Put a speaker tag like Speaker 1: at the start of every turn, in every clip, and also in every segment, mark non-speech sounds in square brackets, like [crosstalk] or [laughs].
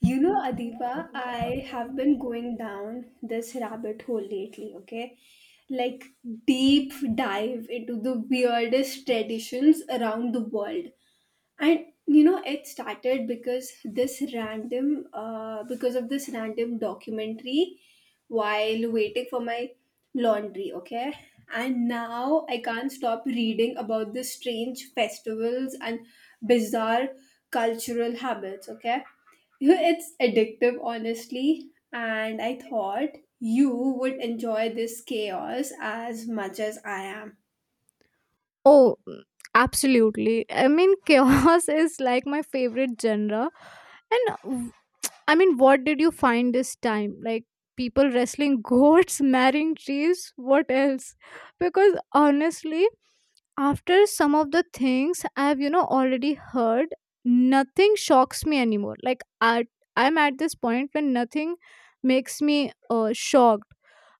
Speaker 1: You know, Adiba, I have been going down this rabbit hole lately, okay? Like deep dive into the weirdest traditions around the world and you know it started because this random because of this random documentary while waiting for my laundry, okay, and now I can't stop reading about the strange festivals and bizarre cultural habits, okay. You know it's addictive, honestly, and I thought you would enjoy this chaos as much as I am.
Speaker 2: Oh, absolutely. I mean, [laughs] chaos is like my favorite genre. And I mean, what did you find this time? Like people wrestling goats, [laughs] marrying trees, what else? Because honestly, after some of the things I've already heard, nothing shocks me anymore. Like I'm at this point when nothing makes me shocked.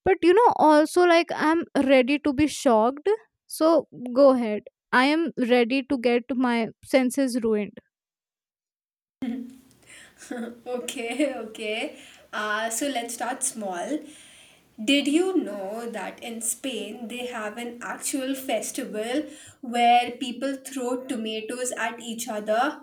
Speaker 2: But also like I'm ready to be shocked. So go ahead. I am ready to get my senses ruined.
Speaker 1: [laughs] Okay, okay. So let's start small. Did you know that in Spain they have an actual festival where people throw tomatoes at each other?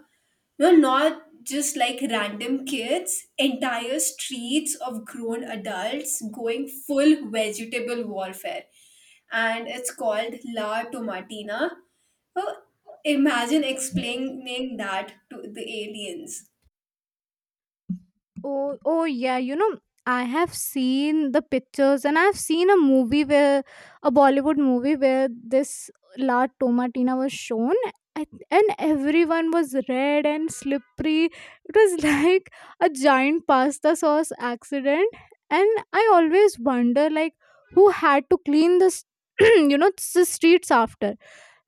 Speaker 1: No, not just like random kids, entire streets of grown adults going full vegetable warfare. And it's called La Tomatina. So imagine explaining that to the aliens.
Speaker 2: Oh, oh yeah, I have seen the pictures, and I've seen a movie where a Bollywood movie where this La Tomatina was shown, and everyone was red and slippery. It was [laughs] like a giant pasta sauce accident. And I always wonder like who had to clean this [clears throat] the streets after.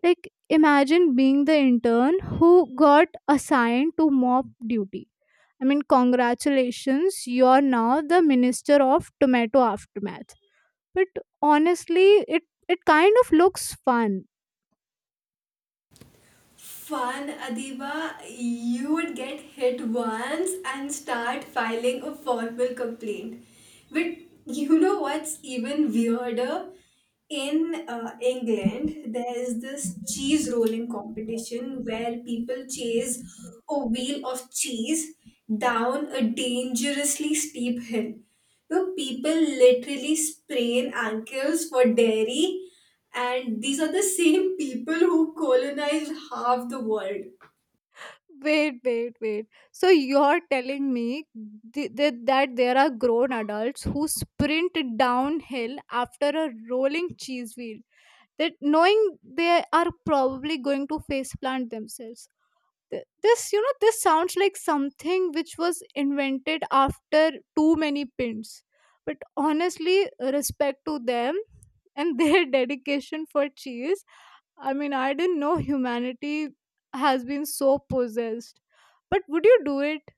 Speaker 2: Like, imagine being the intern who got assigned to mop duty. I mean, congratulations, you're now the minister of tomato aftermath. But honestly, it kind of looks fun.
Speaker 1: Fun, Adiba. You would get hit once and start filing a formal complaint. But you know what's even weirder? In England, there is this cheese rolling competition where people chase a wheel of cheese down a dangerously steep hill. So people literally sprain ankles for dairy, and these are the same people who colonize half the world.
Speaker 2: Wait, wait, wait. So you're telling me that there are grown adults who sprint downhill after a rolling cheese wheel, that knowing they are probably going to faceplant themselves. Th- this you know this sounds like something which was invented after too many pins. But honestly, respect to them and [laughs] their dedication for cheese. I mean, I didn't know humanity has been so possessed. But would you do it?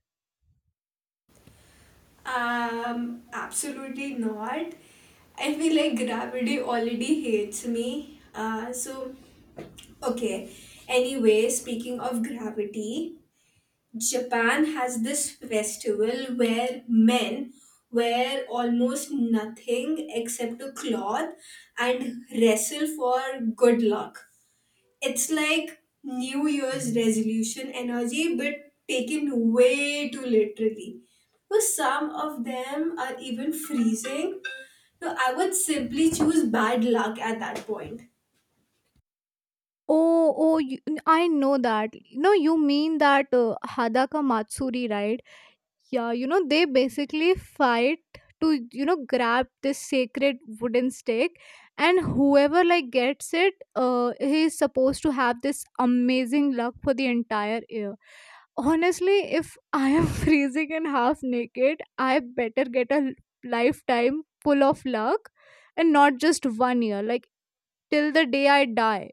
Speaker 1: Absolutely not. I feel like gravity already hates me. Okay. Anyway, speaking of gravity, Japan has this festival where men wear almost nothing except a cloth and wrestle for good luck. It's like New Year's resolution energy, but taken way too literally. So some of them are even freezing. So I would simply choose bad luck at that point.
Speaker 2: Oh, oh I know that. No, you mean that hadaka matsuri, right? Yeah, they basically fight to, grab this sacred wooden stake, and whoever like gets it, he is supposed to have this amazing luck for the entire year. Honestly, if I am [laughs] freezing and half naked, I better get a lifetime full of luck and not just one year, like till the day I die.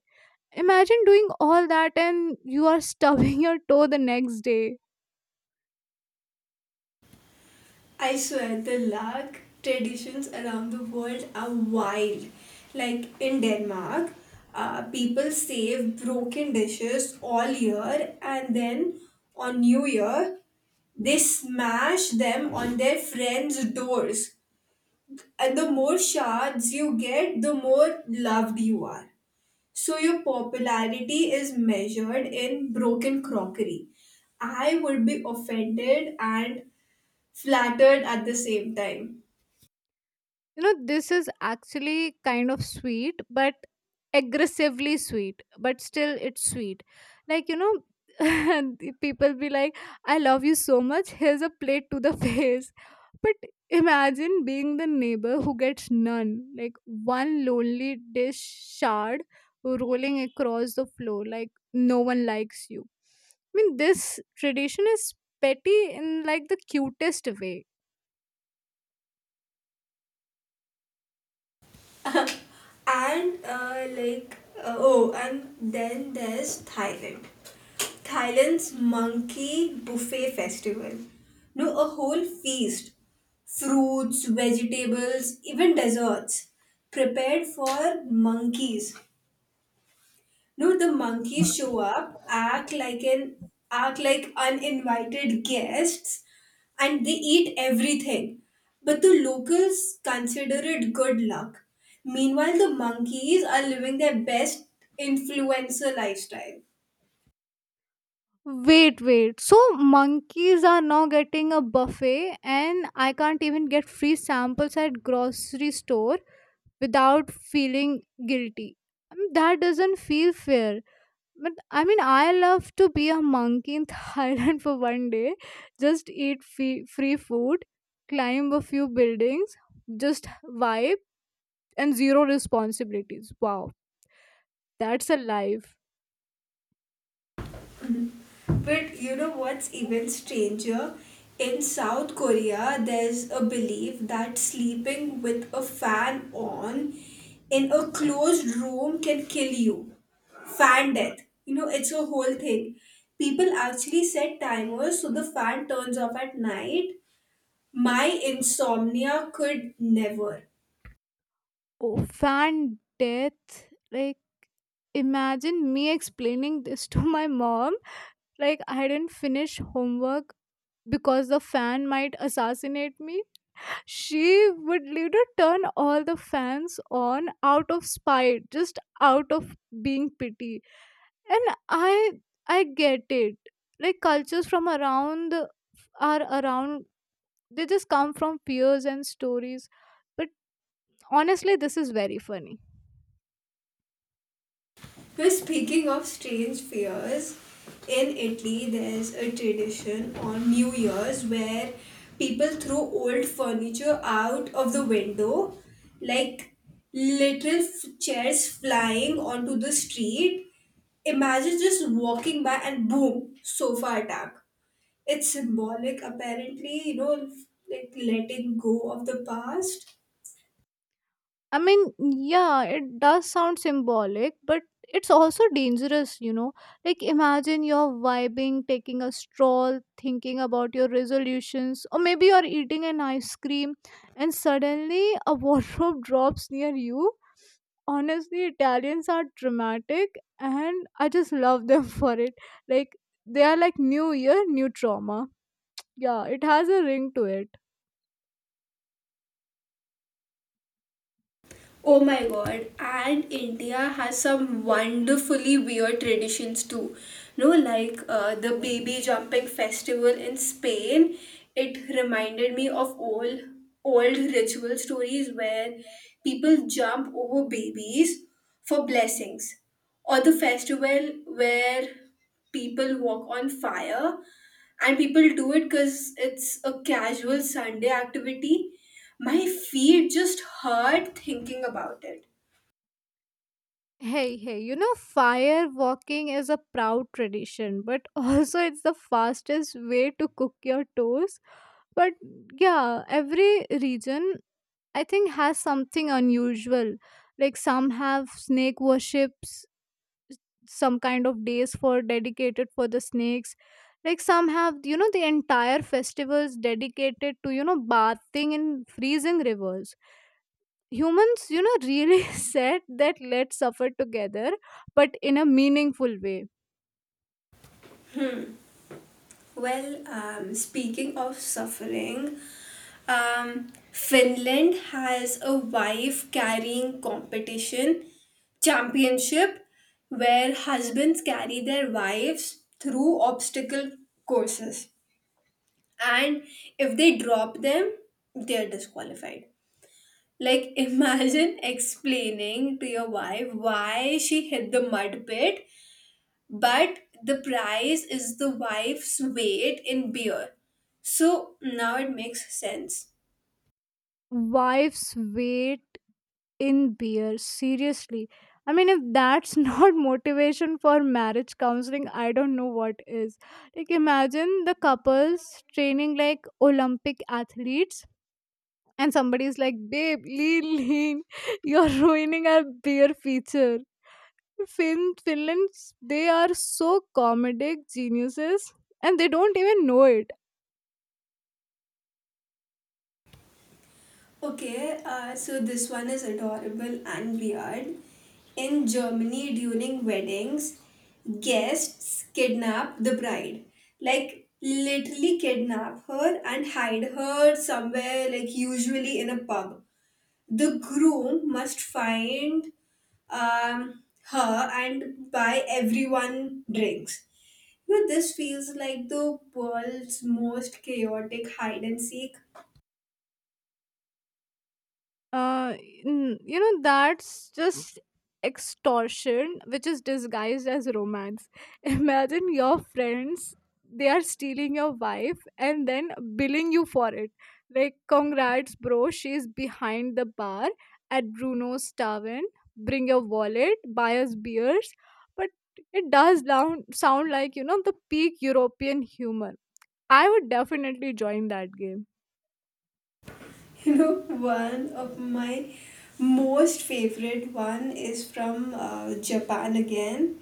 Speaker 2: Imagine doing all that and you are stubbing [laughs] your toe the next day.
Speaker 1: I swear the luck traditions around the world are wild. Like in Denmark, people save broken dishes all year and then on New Year they smash them on their friends' doors, and the more shards you get, the more loved you are. So your popularity is measured in broken crockery. I would be offended and flattered at the same time.
Speaker 2: This is actually kind of sweet, but aggressively sweet, but still it's sweet. Like, [laughs] and the people be like, I love you so much, here's a plate to the [laughs] face. But imagine being the neighbor who gets none, like one lonely dish shard rolling across the floor, like no one likes you. I mean, this tradition is petty in like the cutest way.
Speaker 1: And then there's Thailand. Thailand's monkey buffet festival. No, a whole feast. Fruits, vegetables, even desserts prepared for monkeys. No, the monkeys show up, act like uninvited guests, and they eat everything. But the locals consider it good luck. Meanwhile, the monkeys are living their best influencer lifestyle.
Speaker 2: Wait, wait. So monkeys are now getting a buffet and I can't even get free samples at grocery store without feeling guilty. I mean, that doesn't feel fair. But I mean, I love to be a monkey in [laughs] Thailand for one day. Just eat free, free food, climb a few buildings, just vibe and zero responsibilities. Wow, that's a life.
Speaker 1: But you know what's even stranger? In South Korea, there's a belief that sleeping with a fan on in a closed room can kill you. Fan death. You know, it's a whole thing. People actually set timers so the fan turns off at night. My insomnia could never.
Speaker 2: Oh, fan death. Like imagine me explaining this [laughs] to my mom, like I didn't finish homework because the fan might assassinate me. She would later turn all the fans on out of spite, just out of being pity, and I get it. Like cultures from around are around, they just come from fears and stories. But honestly, this is very funny.
Speaker 1: Now, speaking of strange fears, in Italy there's a tradition on New Year's where people throw old furniture out of the window, like chairs flying onto the street. Imagine just walking by and boom, sofa attack. It's symbolic, apparently, you know, like letting go of the past.
Speaker 2: I mean, yeah, it does sound symbolic, but it's also dangerous. Like, imagine you're vibing, taking a stroll, thinking about your resolutions, or maybe you're eating an ice cream, and suddenly a wardrobe [laughs] drops near you. Honestly, Italians are dramatic, and I just love them [laughs] for it. Like, they are like New Year, new trauma. Yeah, it has a ring to it.
Speaker 1: Oh my god, and India has some wonderfully weird traditions too. No, like the baby jumping festival in Spain, it reminded me of old ritual stories where people jump over babies for blessings. Or the festival where people walk on fire and people do it because it's a casual Sunday activity. My feet just hurt thinking about it.
Speaker 2: Hey, hey, fire walking is a proud tradition, but [laughs] also it's the fastest way to cook your toes. But yeah, every region I think has something unusual. Like some have snake worships, some kind of days for dedicated for the snakes. Like some have, the entire festivals dedicated to, bathing in freezing rivers. Humans really [laughs] said that let's suffer together, but in a meaningful way.
Speaker 1: Well, speaking of suffering, Finland has a wife carrying competition championship where husbands carry their wives through obstacle courses, and if they drop them, they are disqualified. Like, imagine [laughs] explaining to your wife why she hit the mud pit, but the prize is the wife's weight in beer. So now it makes sense.
Speaker 2: Wives wait in beer, seriously. I mean, if that's [laughs] not motivation for marriage counseling, I don't know what is. Like, imagine the couples training like Olympic athletes, and somebody's like, babe, lean lean [laughs] you're ruining our beer feature. Finlands, they are so comedic geniuses, and they don't even know it.
Speaker 1: Okay, so this one is adorable and weird. In Germany, during weddings, guests kidnap the bride. Like, literally kidnap her and hide her somewhere, like, usually in a pub. The groom must find her and buy everyone drinks. You know, this feels like the world's most chaotic hide and seek.
Speaker 2: uh that's just extortion which is disguised as romance. [laughs] Imagine your friends, they are stealing your wife and then billing you for it. Like, congrats bro, she's behind the bar at Bruno's tavern, bring your wallet, buy us beers. But it does sound like the peak European humor. I would definitely join that game.
Speaker 1: [laughs] You know, one of my most favorite one is from Japan again.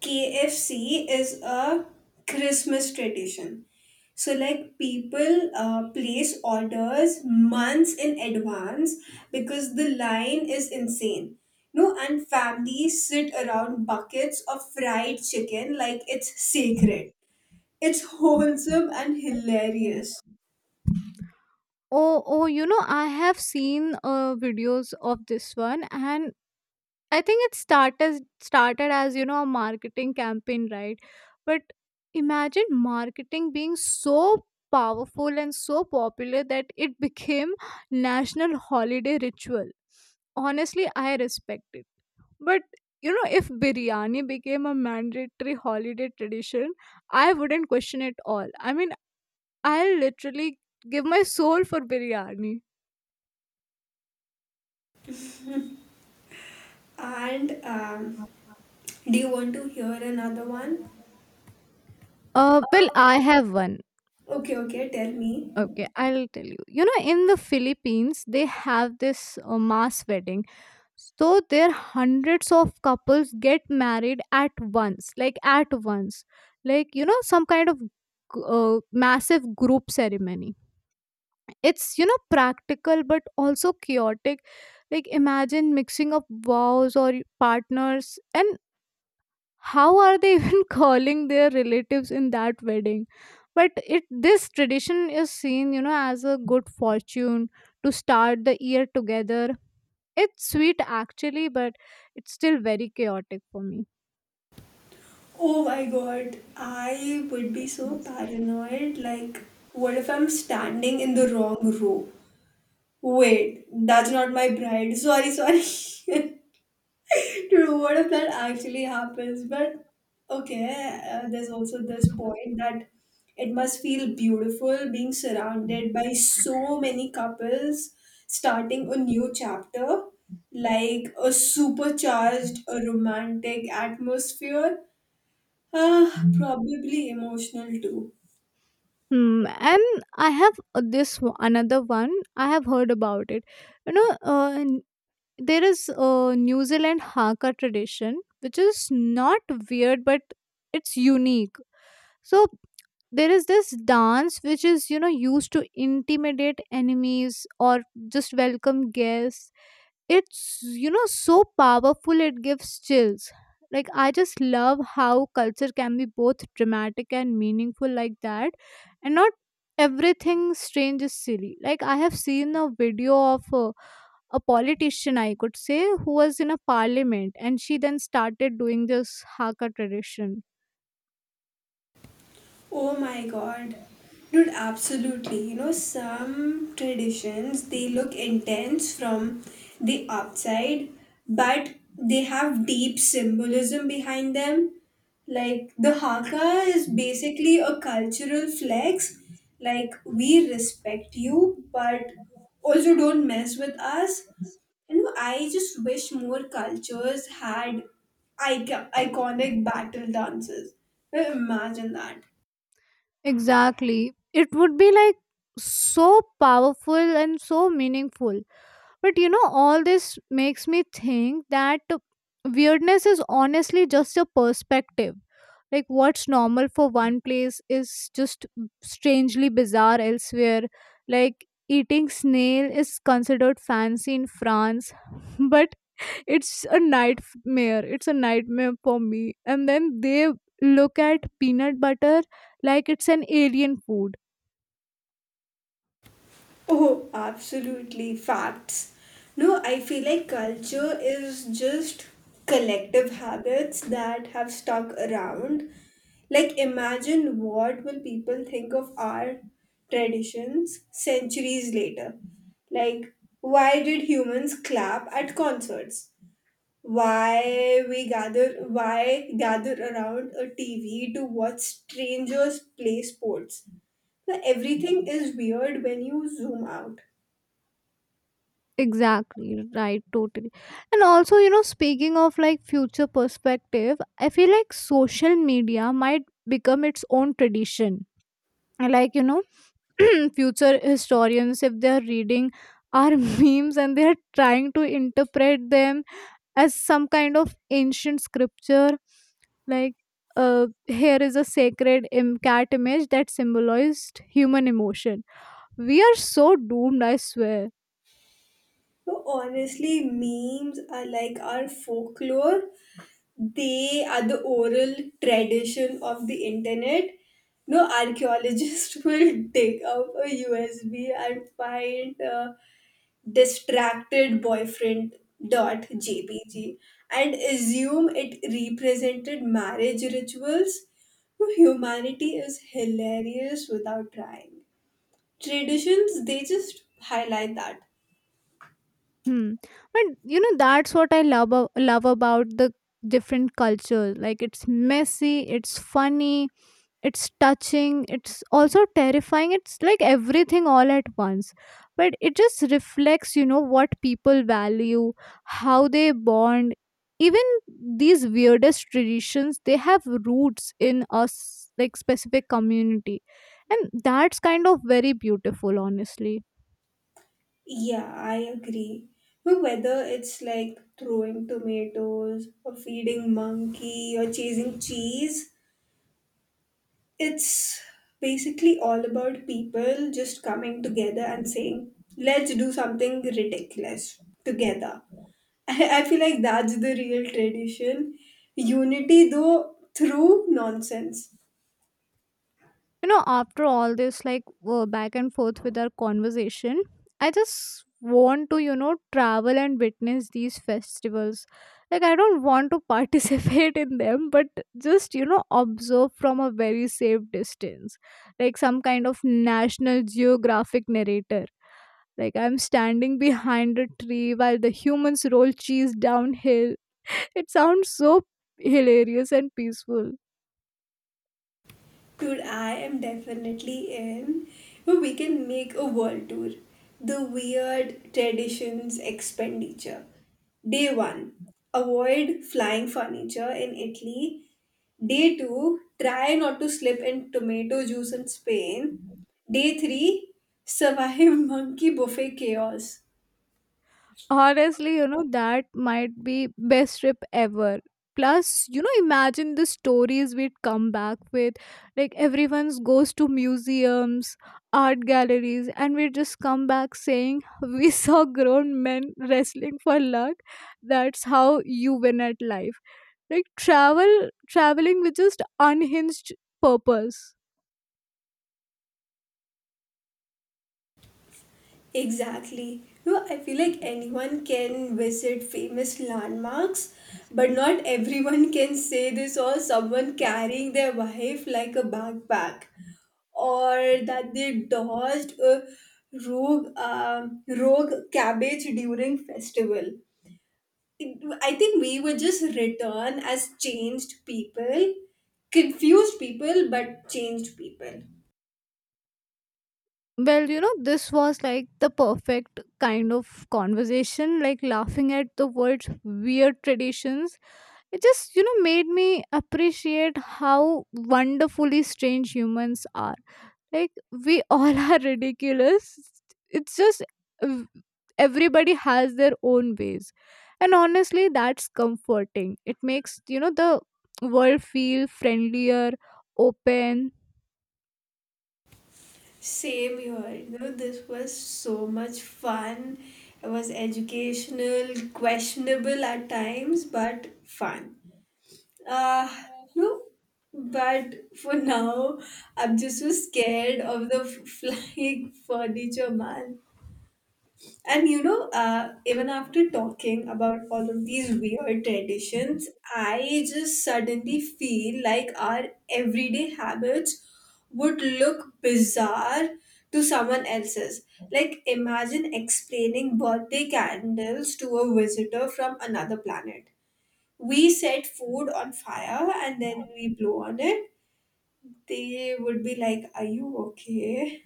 Speaker 1: KFC is a Christmas tradition. So, like, people place orders months in advance because the line is insane. No, and families sit around buckets of fried chicken like it's sacred. It's wholesome and hilarious.
Speaker 2: Oh, oh, I have seen videos of this one, and I think it started as a marketing campaign, right? But imagine marketing being so powerful and so popular that it [laughs] became national holiday ritual. Honestly, I respect it, but if biryani became a mandatory holiday tradition, I wouldn't question it all. I mean, I'll literally give my soul for biryani.
Speaker 1: And Do you want to hear another one?
Speaker 2: Well, I have one.
Speaker 1: Okay, okay, tell me.
Speaker 2: Okay, I'll tell you. In the Philippines, they have this mass wedding. So there hundreds of couples get married at once, like some kind of massive group ceremony. It's practical but also chaotic. Like imagine mixing up vows or partners, and how are they [laughs] even calling their relatives in that wedding? But it this tradition is seen as a good fortune to start the year together. It's sweet actually, but it's still very chaotic for me.
Speaker 1: Oh my god, I would be so paranoid. Like, what if I'm standing in the wrong row? Wait, that's not my bride. Sorry, sorry. [laughs] True, what if that actually happens? But okay, there's also this point that it must feel beautiful being surrounded by so many couples starting a new chapter, like a supercharged, a romantic atmosphere, ah, probably emotional too.
Speaker 2: Hmm, and I have this another one. I have heard about it. You know, uh, n- there is a New Zealand Haka tradition, which is not weird, but it's unique. So there is this dance which is used to intimidate enemies or just welcome guests. It's so powerful, it gives chills. Like, I just love how culture can be both dramatic and meaningful like that. And not everything strange is silly. Like, I have seen a video of a politician I could say who was in a parliament, and she then started doing this haka tradition.
Speaker 1: Oh my god. Dude, absolutely. You know, some traditions they look intense from the outside, but they have deep symbolism behind them. Like the haka is basically a cultural flex. Like we respect you, but also don't mess with us. You know, I just wish more cultures had iconic battle dances. Imagine that.
Speaker 2: Exactly, it would be like so powerful and so meaningful. But all this makes me think that weirdness is honestly just a perspective. Like, what's normal for one place is just strangely bizarre elsewhere. Like, eating snail is considered fancy in France, [laughs] but it's a nightmare. It's a nightmare for me. And then they look at peanut butter like it's an alien food.
Speaker 1: Oh, absolutely. Facts. No, I feel like culture is just collective habits that have stuck around. Like, imagine what will people think of our traditions centuries later. Like, why did humans clap at concerts? Why we gather? Why gather around a TV to watch strangers play sports? Well, everything is weird when you zoom out.
Speaker 2: Exactly, right, totally. And also, speaking of like future perspective, I feel like social media might become its own tradition. And, like, [clears throat] future historians, if they're reading our [laughs] memes and they're trying to interpret them as some kind of ancient scripture, like, here is a sacred cat image that symbolized human emotion. We are so doomed, I swear.
Speaker 1: So honestly, memes are like our folklore. They are the oral tradition of the internet. No archaeologist [laughs] will dig up a USB and find distracted boyfriend dot jpg and assume it represented marriage rituals. No, humanity is hilarious without trying. Traditions, they just highlight that.
Speaker 2: Hmm. But that's what I love about the different cultures. Like, it's messy, it's funny, it's touching, it's also terrifying. It's like everything all at once. But it just reflects, what people value, how they bond. Even these weirdest traditions, they have roots in us like specific community. And that's kind of very beautiful, honestly.
Speaker 1: Yeah, I agree. But whether it's like throwing tomatoes or feeding monkey or chasing cheese, it's basically all about people just coming together and saying, let's do something ridiculous together. [laughs] I feel like that's the real tradition. Unity, though, through nonsense.
Speaker 2: After all this, like back and forth with our conversation, I just want to travel and witness these festivals. Like, I don't want to [laughs] participate in them, but just observe from a very safe distance, like some kind of National Geographic narrator. Like, I'm standing behind a tree while the humans roll cheese downhill. [laughs] It sounds so hilarious and peaceful.
Speaker 1: Dude, I am definitely in. But we can make a world tour. The weird traditions expenditure. Day 1. Avoid flying furniture in Italy. Day 2. Try not to slip in tomato juice in Spain. Day 3. Survive [laughs] monkey buffet chaos.
Speaker 2: Honestly, that might be best trip ever. Plus, imagine the stories we'd come back with. Like everyone's goes to museums, art galleries, and we just come back saying [laughs] we saw grown men wrestling for luck. That's how you win at life. Like traveling with just unhinged purpose.
Speaker 1: Exactly. No, I feel like anyone can visit famous landmarks, but not everyone can say they saw someone carrying their wife like a backpack, or that they dodged a rogue cabbage during festival. It- I think we would just return as changed people, confused people, but changed people.
Speaker 2: Well, this was like the perfect kind of conversation, like laughing at the world's weird traditions. It just made me appreciate how wonderfully strange humans are. Like, we all [laughs] are ridiculous. It's just uh, everybody has their own ways. And honestly, that's comforting. It makes the world feel friendlier, open.
Speaker 1: Same here. You know, this was so much fun. It was educational, questionable at times, but fun. Uh, no, but for now, I'm just so scared of the [laughs] flying furniture, man. And you know, even after talking about all of these weird traditions, I just suddenly feel like our everyday habits would look bizarre to someone else's. Like, imagine explaining birthday candles to a visitor from another planet. We set food on fire and then we blow on it. They would be like, are you okay?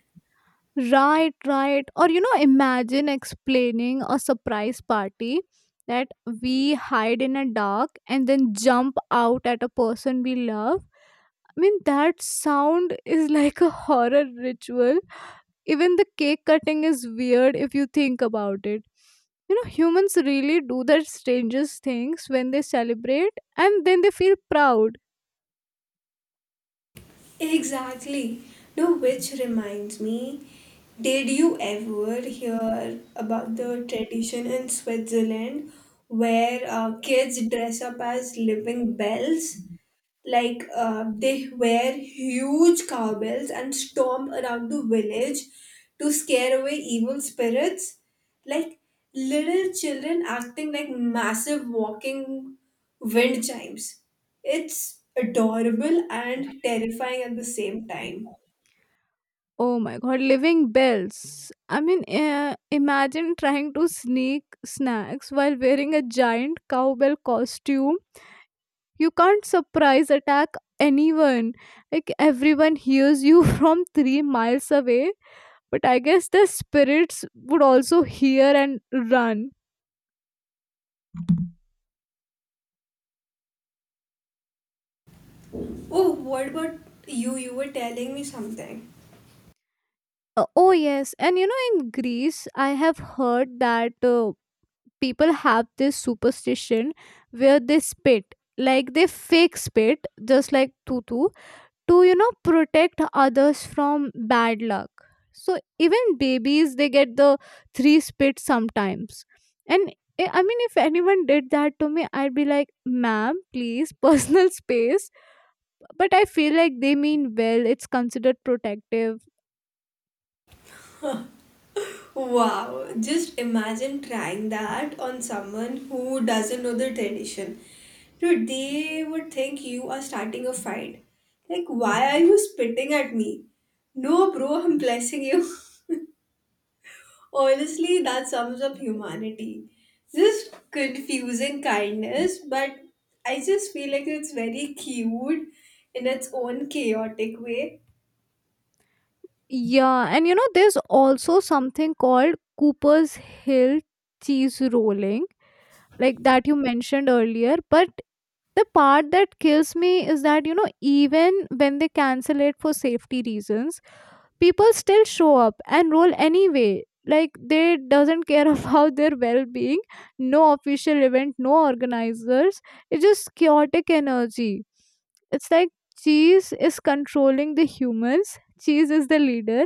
Speaker 2: Right, right. Or imagine explaining a surprise party that we hide in a dark and then jump out at a person we love. I mean, that sound is [laughs] like a horror ritual. Even the cake cutting is weird if you think about it. Humans really do the strangest things when they celebrate and then they feel proud.
Speaker 1: Exactly. No, which reminds me, did you ever hear about the tradition in Switzerland where kids dress up as living bells, like they wear huge cowbells and storm around the village to scare away evil spirits. Like little children acting like massive walking wind chimes. It's adorable and terrifying at the same time.
Speaker 2: Oh my god, living bells. I mean, imagine trying to sneak snacks while wearing a giant cowbell costume. You can't surprise attack anyone. Like, everyone hears you [laughs] from 3 miles away. But I guess the spirits would also hear and run.
Speaker 1: Oh, what about you? You were telling me something.
Speaker 2: Oh, yes. And you know, in Greece, I have heard that people have this superstition where they spit. Like, they fake spit, just like Tutu to protect others from bad luck, so even babies, they get the three spits sometimes. And I mean, if anyone did that to me, I'd be like, ma'am, please, [laughs] personal space. But I feel like they mean well, it's considered protective.
Speaker 1: Wow, just imagine trying that on someone who doesn't know the tradition. Dude, they would think you are starting a fight. Like, why are you spitting at me? No, bro, I'm blessing you. [laughs] Honestly, that sums up humanity. Just confusing kindness, but I just feel like it's very cute in its own chaotic way.
Speaker 2: Yeah, and you know, there's also something called Cooper's Hill cheese rolling, like that you mentioned earlier. But the part that kills me is that, you know, even when they cancel it for safety reasons, people still show up and roll anyway. Like, they doesn't care [laughs] about their well-being, no official event, no organizers. It's just chaotic energy. It's like cheese is controlling the humans. Cheese is the leader.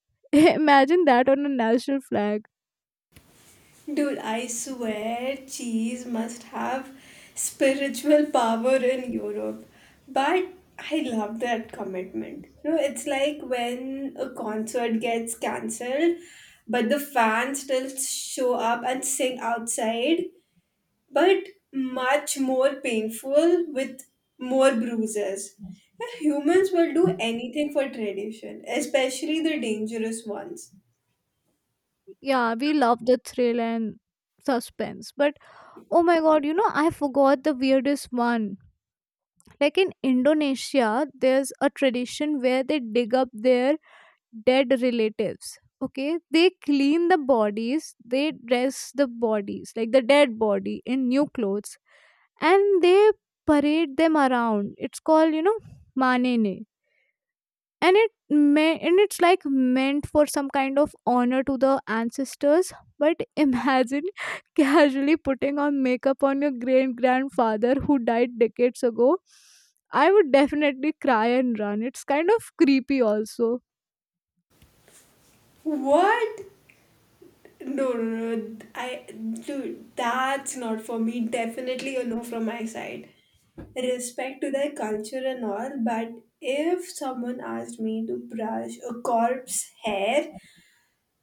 Speaker 2: [laughs] Imagine that on a national flag.
Speaker 1: Dude, I swear cheese must have spiritual power in Europe. But I love that commitment. You know, it's like when a concert gets cancelled, but the fans still show up and sing outside, but much more painful with more bruises. And humans will do anything for tradition, especially the dangerous ones.
Speaker 2: Yeah, we love the thrill and suspense, but oh my god, you know, I forgot the weirdest one. Like, in Indonesia, there's a tradition where they dig up their dead relatives. Okay, they clean the bodies, they dress the bodies, like the dead body, in new clothes, and they parade them around. It's called, you know, manene, and it may and it's like meant for some kind of honor to the ancestors. But imagine [laughs] casually putting on makeup on your great grandfather who died decades ago. I would definitely cry and run. It's kind of creepy also.
Speaker 1: What? No, no, no, dude, that's not for me. Definitely a no from my side. Respect to their culture and all, but if someone asked me to brush a corpse hair,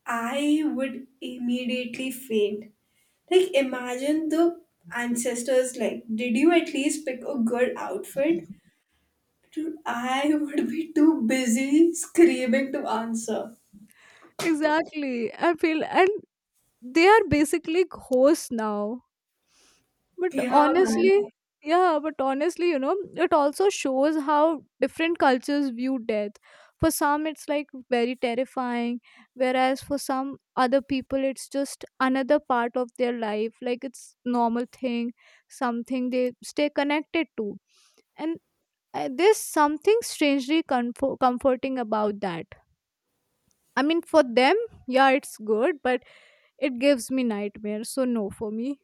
Speaker 1: I would immediately faint. Like, imagine the ancestors, like, did you at least pick a good outfit? Dude, I [laughs] would be too busy screaming to answer.
Speaker 2: Exactly, I feel, and they are basically ghosts now. But
Speaker 1: Yeah, man.
Speaker 2: honestly, yeah, but honestly, you know, it also shows how different cultures view death. For some, it's like very terrifying, whereas for some other people, it's just another part of their life. Like, it's normal thing, something they stay connected to, and there's something strangely comforting about that. I mean, for them, yeah, it's good, but it gives me nightmares. So no, for me.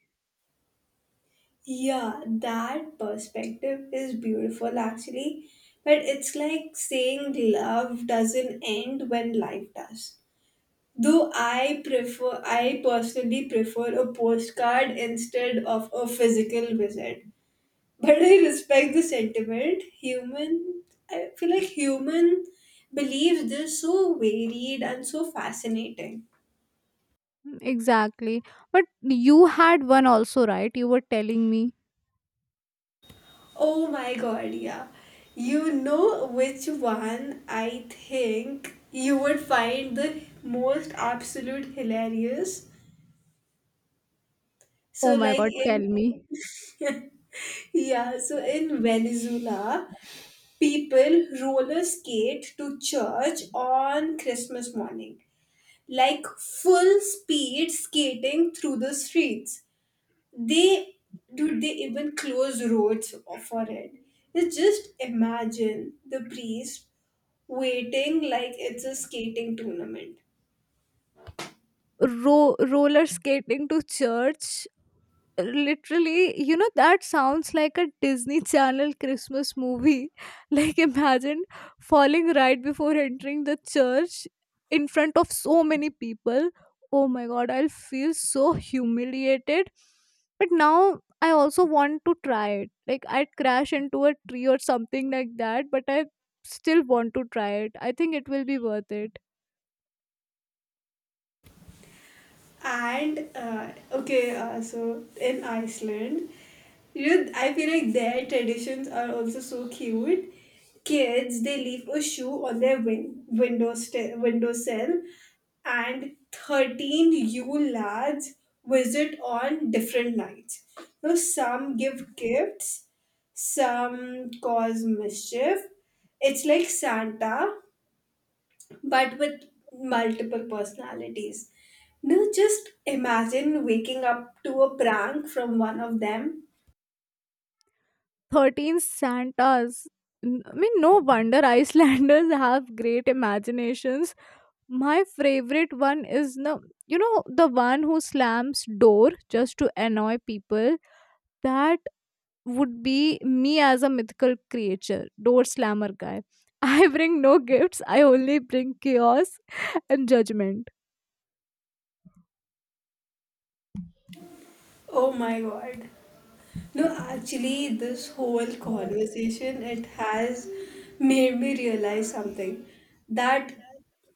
Speaker 1: Yeah, that perspective is beautiful actually. But it's like saying love doesn't end when life does. I personally prefer a postcard instead of a physical visit. But I respect the sentiment. I feel like human believes this so varied and so fascinating.
Speaker 2: Exactly. But you had one also, right? You were telling me.
Speaker 1: Oh my god, yeah. You know which one I think you would find the most absolute hilarious?
Speaker 2: Oh
Speaker 1: So,
Speaker 2: my
Speaker 1: like
Speaker 2: god, tell
Speaker 1: in,
Speaker 2: me.
Speaker 1: [laughs] yeah, so in Venezuela, people roller skate to church on Christmas morning, like full speed skating through the streets. They, do they even close roads for it? You just imagine the priest waiting like it's a skating tournament.
Speaker 2: Roller skating to church, literally, you know, that sounds like a Disney [laughs] channel Christmas movie. [laughs] Like, imagine falling right before entering the church in front of so many people. Oh my god, I'll feel so humiliated. But now I also want to try it. Like, I'd crash into a tree or something like that, but I still want to try it. I think it will be worth it.
Speaker 1: And so in Iceland, you know, I feel like their traditions are also so cute. Kids, they leave a shoe on their windowsill, and 13 Yule lads visit on different nights. Now, some give gifts, some cause mischief. It's like Santa but with multiple personalities. Now just imagine waking up to a prank from one of them.
Speaker 2: 13 santas. I mean, no wonder Icelanders [laughs] have great imaginations. My favorite one is the, you know, the one who slams door just to annoy people. That would be me as a mythical creature, door slammer guy. [laughs] I bring no gifts, I only bring chaos [laughs] and judgment.
Speaker 1: Oh my god. No, actually, this whole conversation, it has made me realize something, that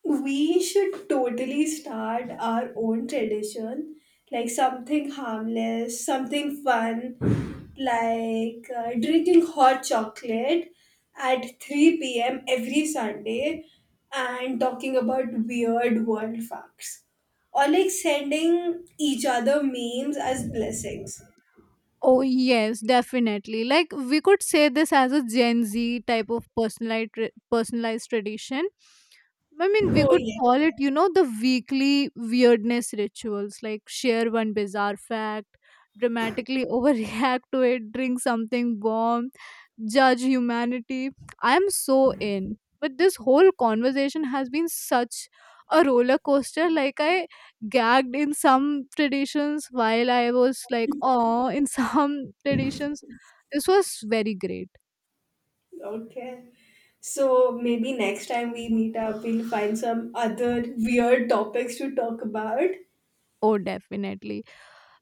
Speaker 1: we should totally start our own tradition, like something harmless, something fun, like drinking hot chocolate at 3 p.m. every Sunday and talking about weird world facts, or like sending each other memes as blessings.
Speaker 2: Oh, yes, definitely. Like, we could say this as a Gen Z type of personalized tradition. I mean, we
Speaker 1: Oh,
Speaker 2: could
Speaker 1: yes.
Speaker 2: call it, you know, the weekly weirdness rituals. Like, share one bizarre fact, dramatically [laughs] overreact to it, drink something warm, judge humanity. I am so in. But this whole conversation has been such a roller coaster. Like, I gagged in some traditions while I was like, oh, in some [laughs] traditions, this was very great.
Speaker 1: Okay. So maybe next time we meet up, we'll find some other weird topics to talk about.
Speaker 2: Oh, definitely.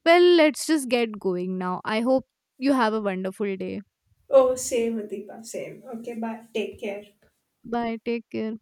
Speaker 2: Well, let's just get going now. I hope you have a wonderful day.
Speaker 1: Oh, same, Adipa, same. Okay, bye. Take care.
Speaker 2: Bye, take care.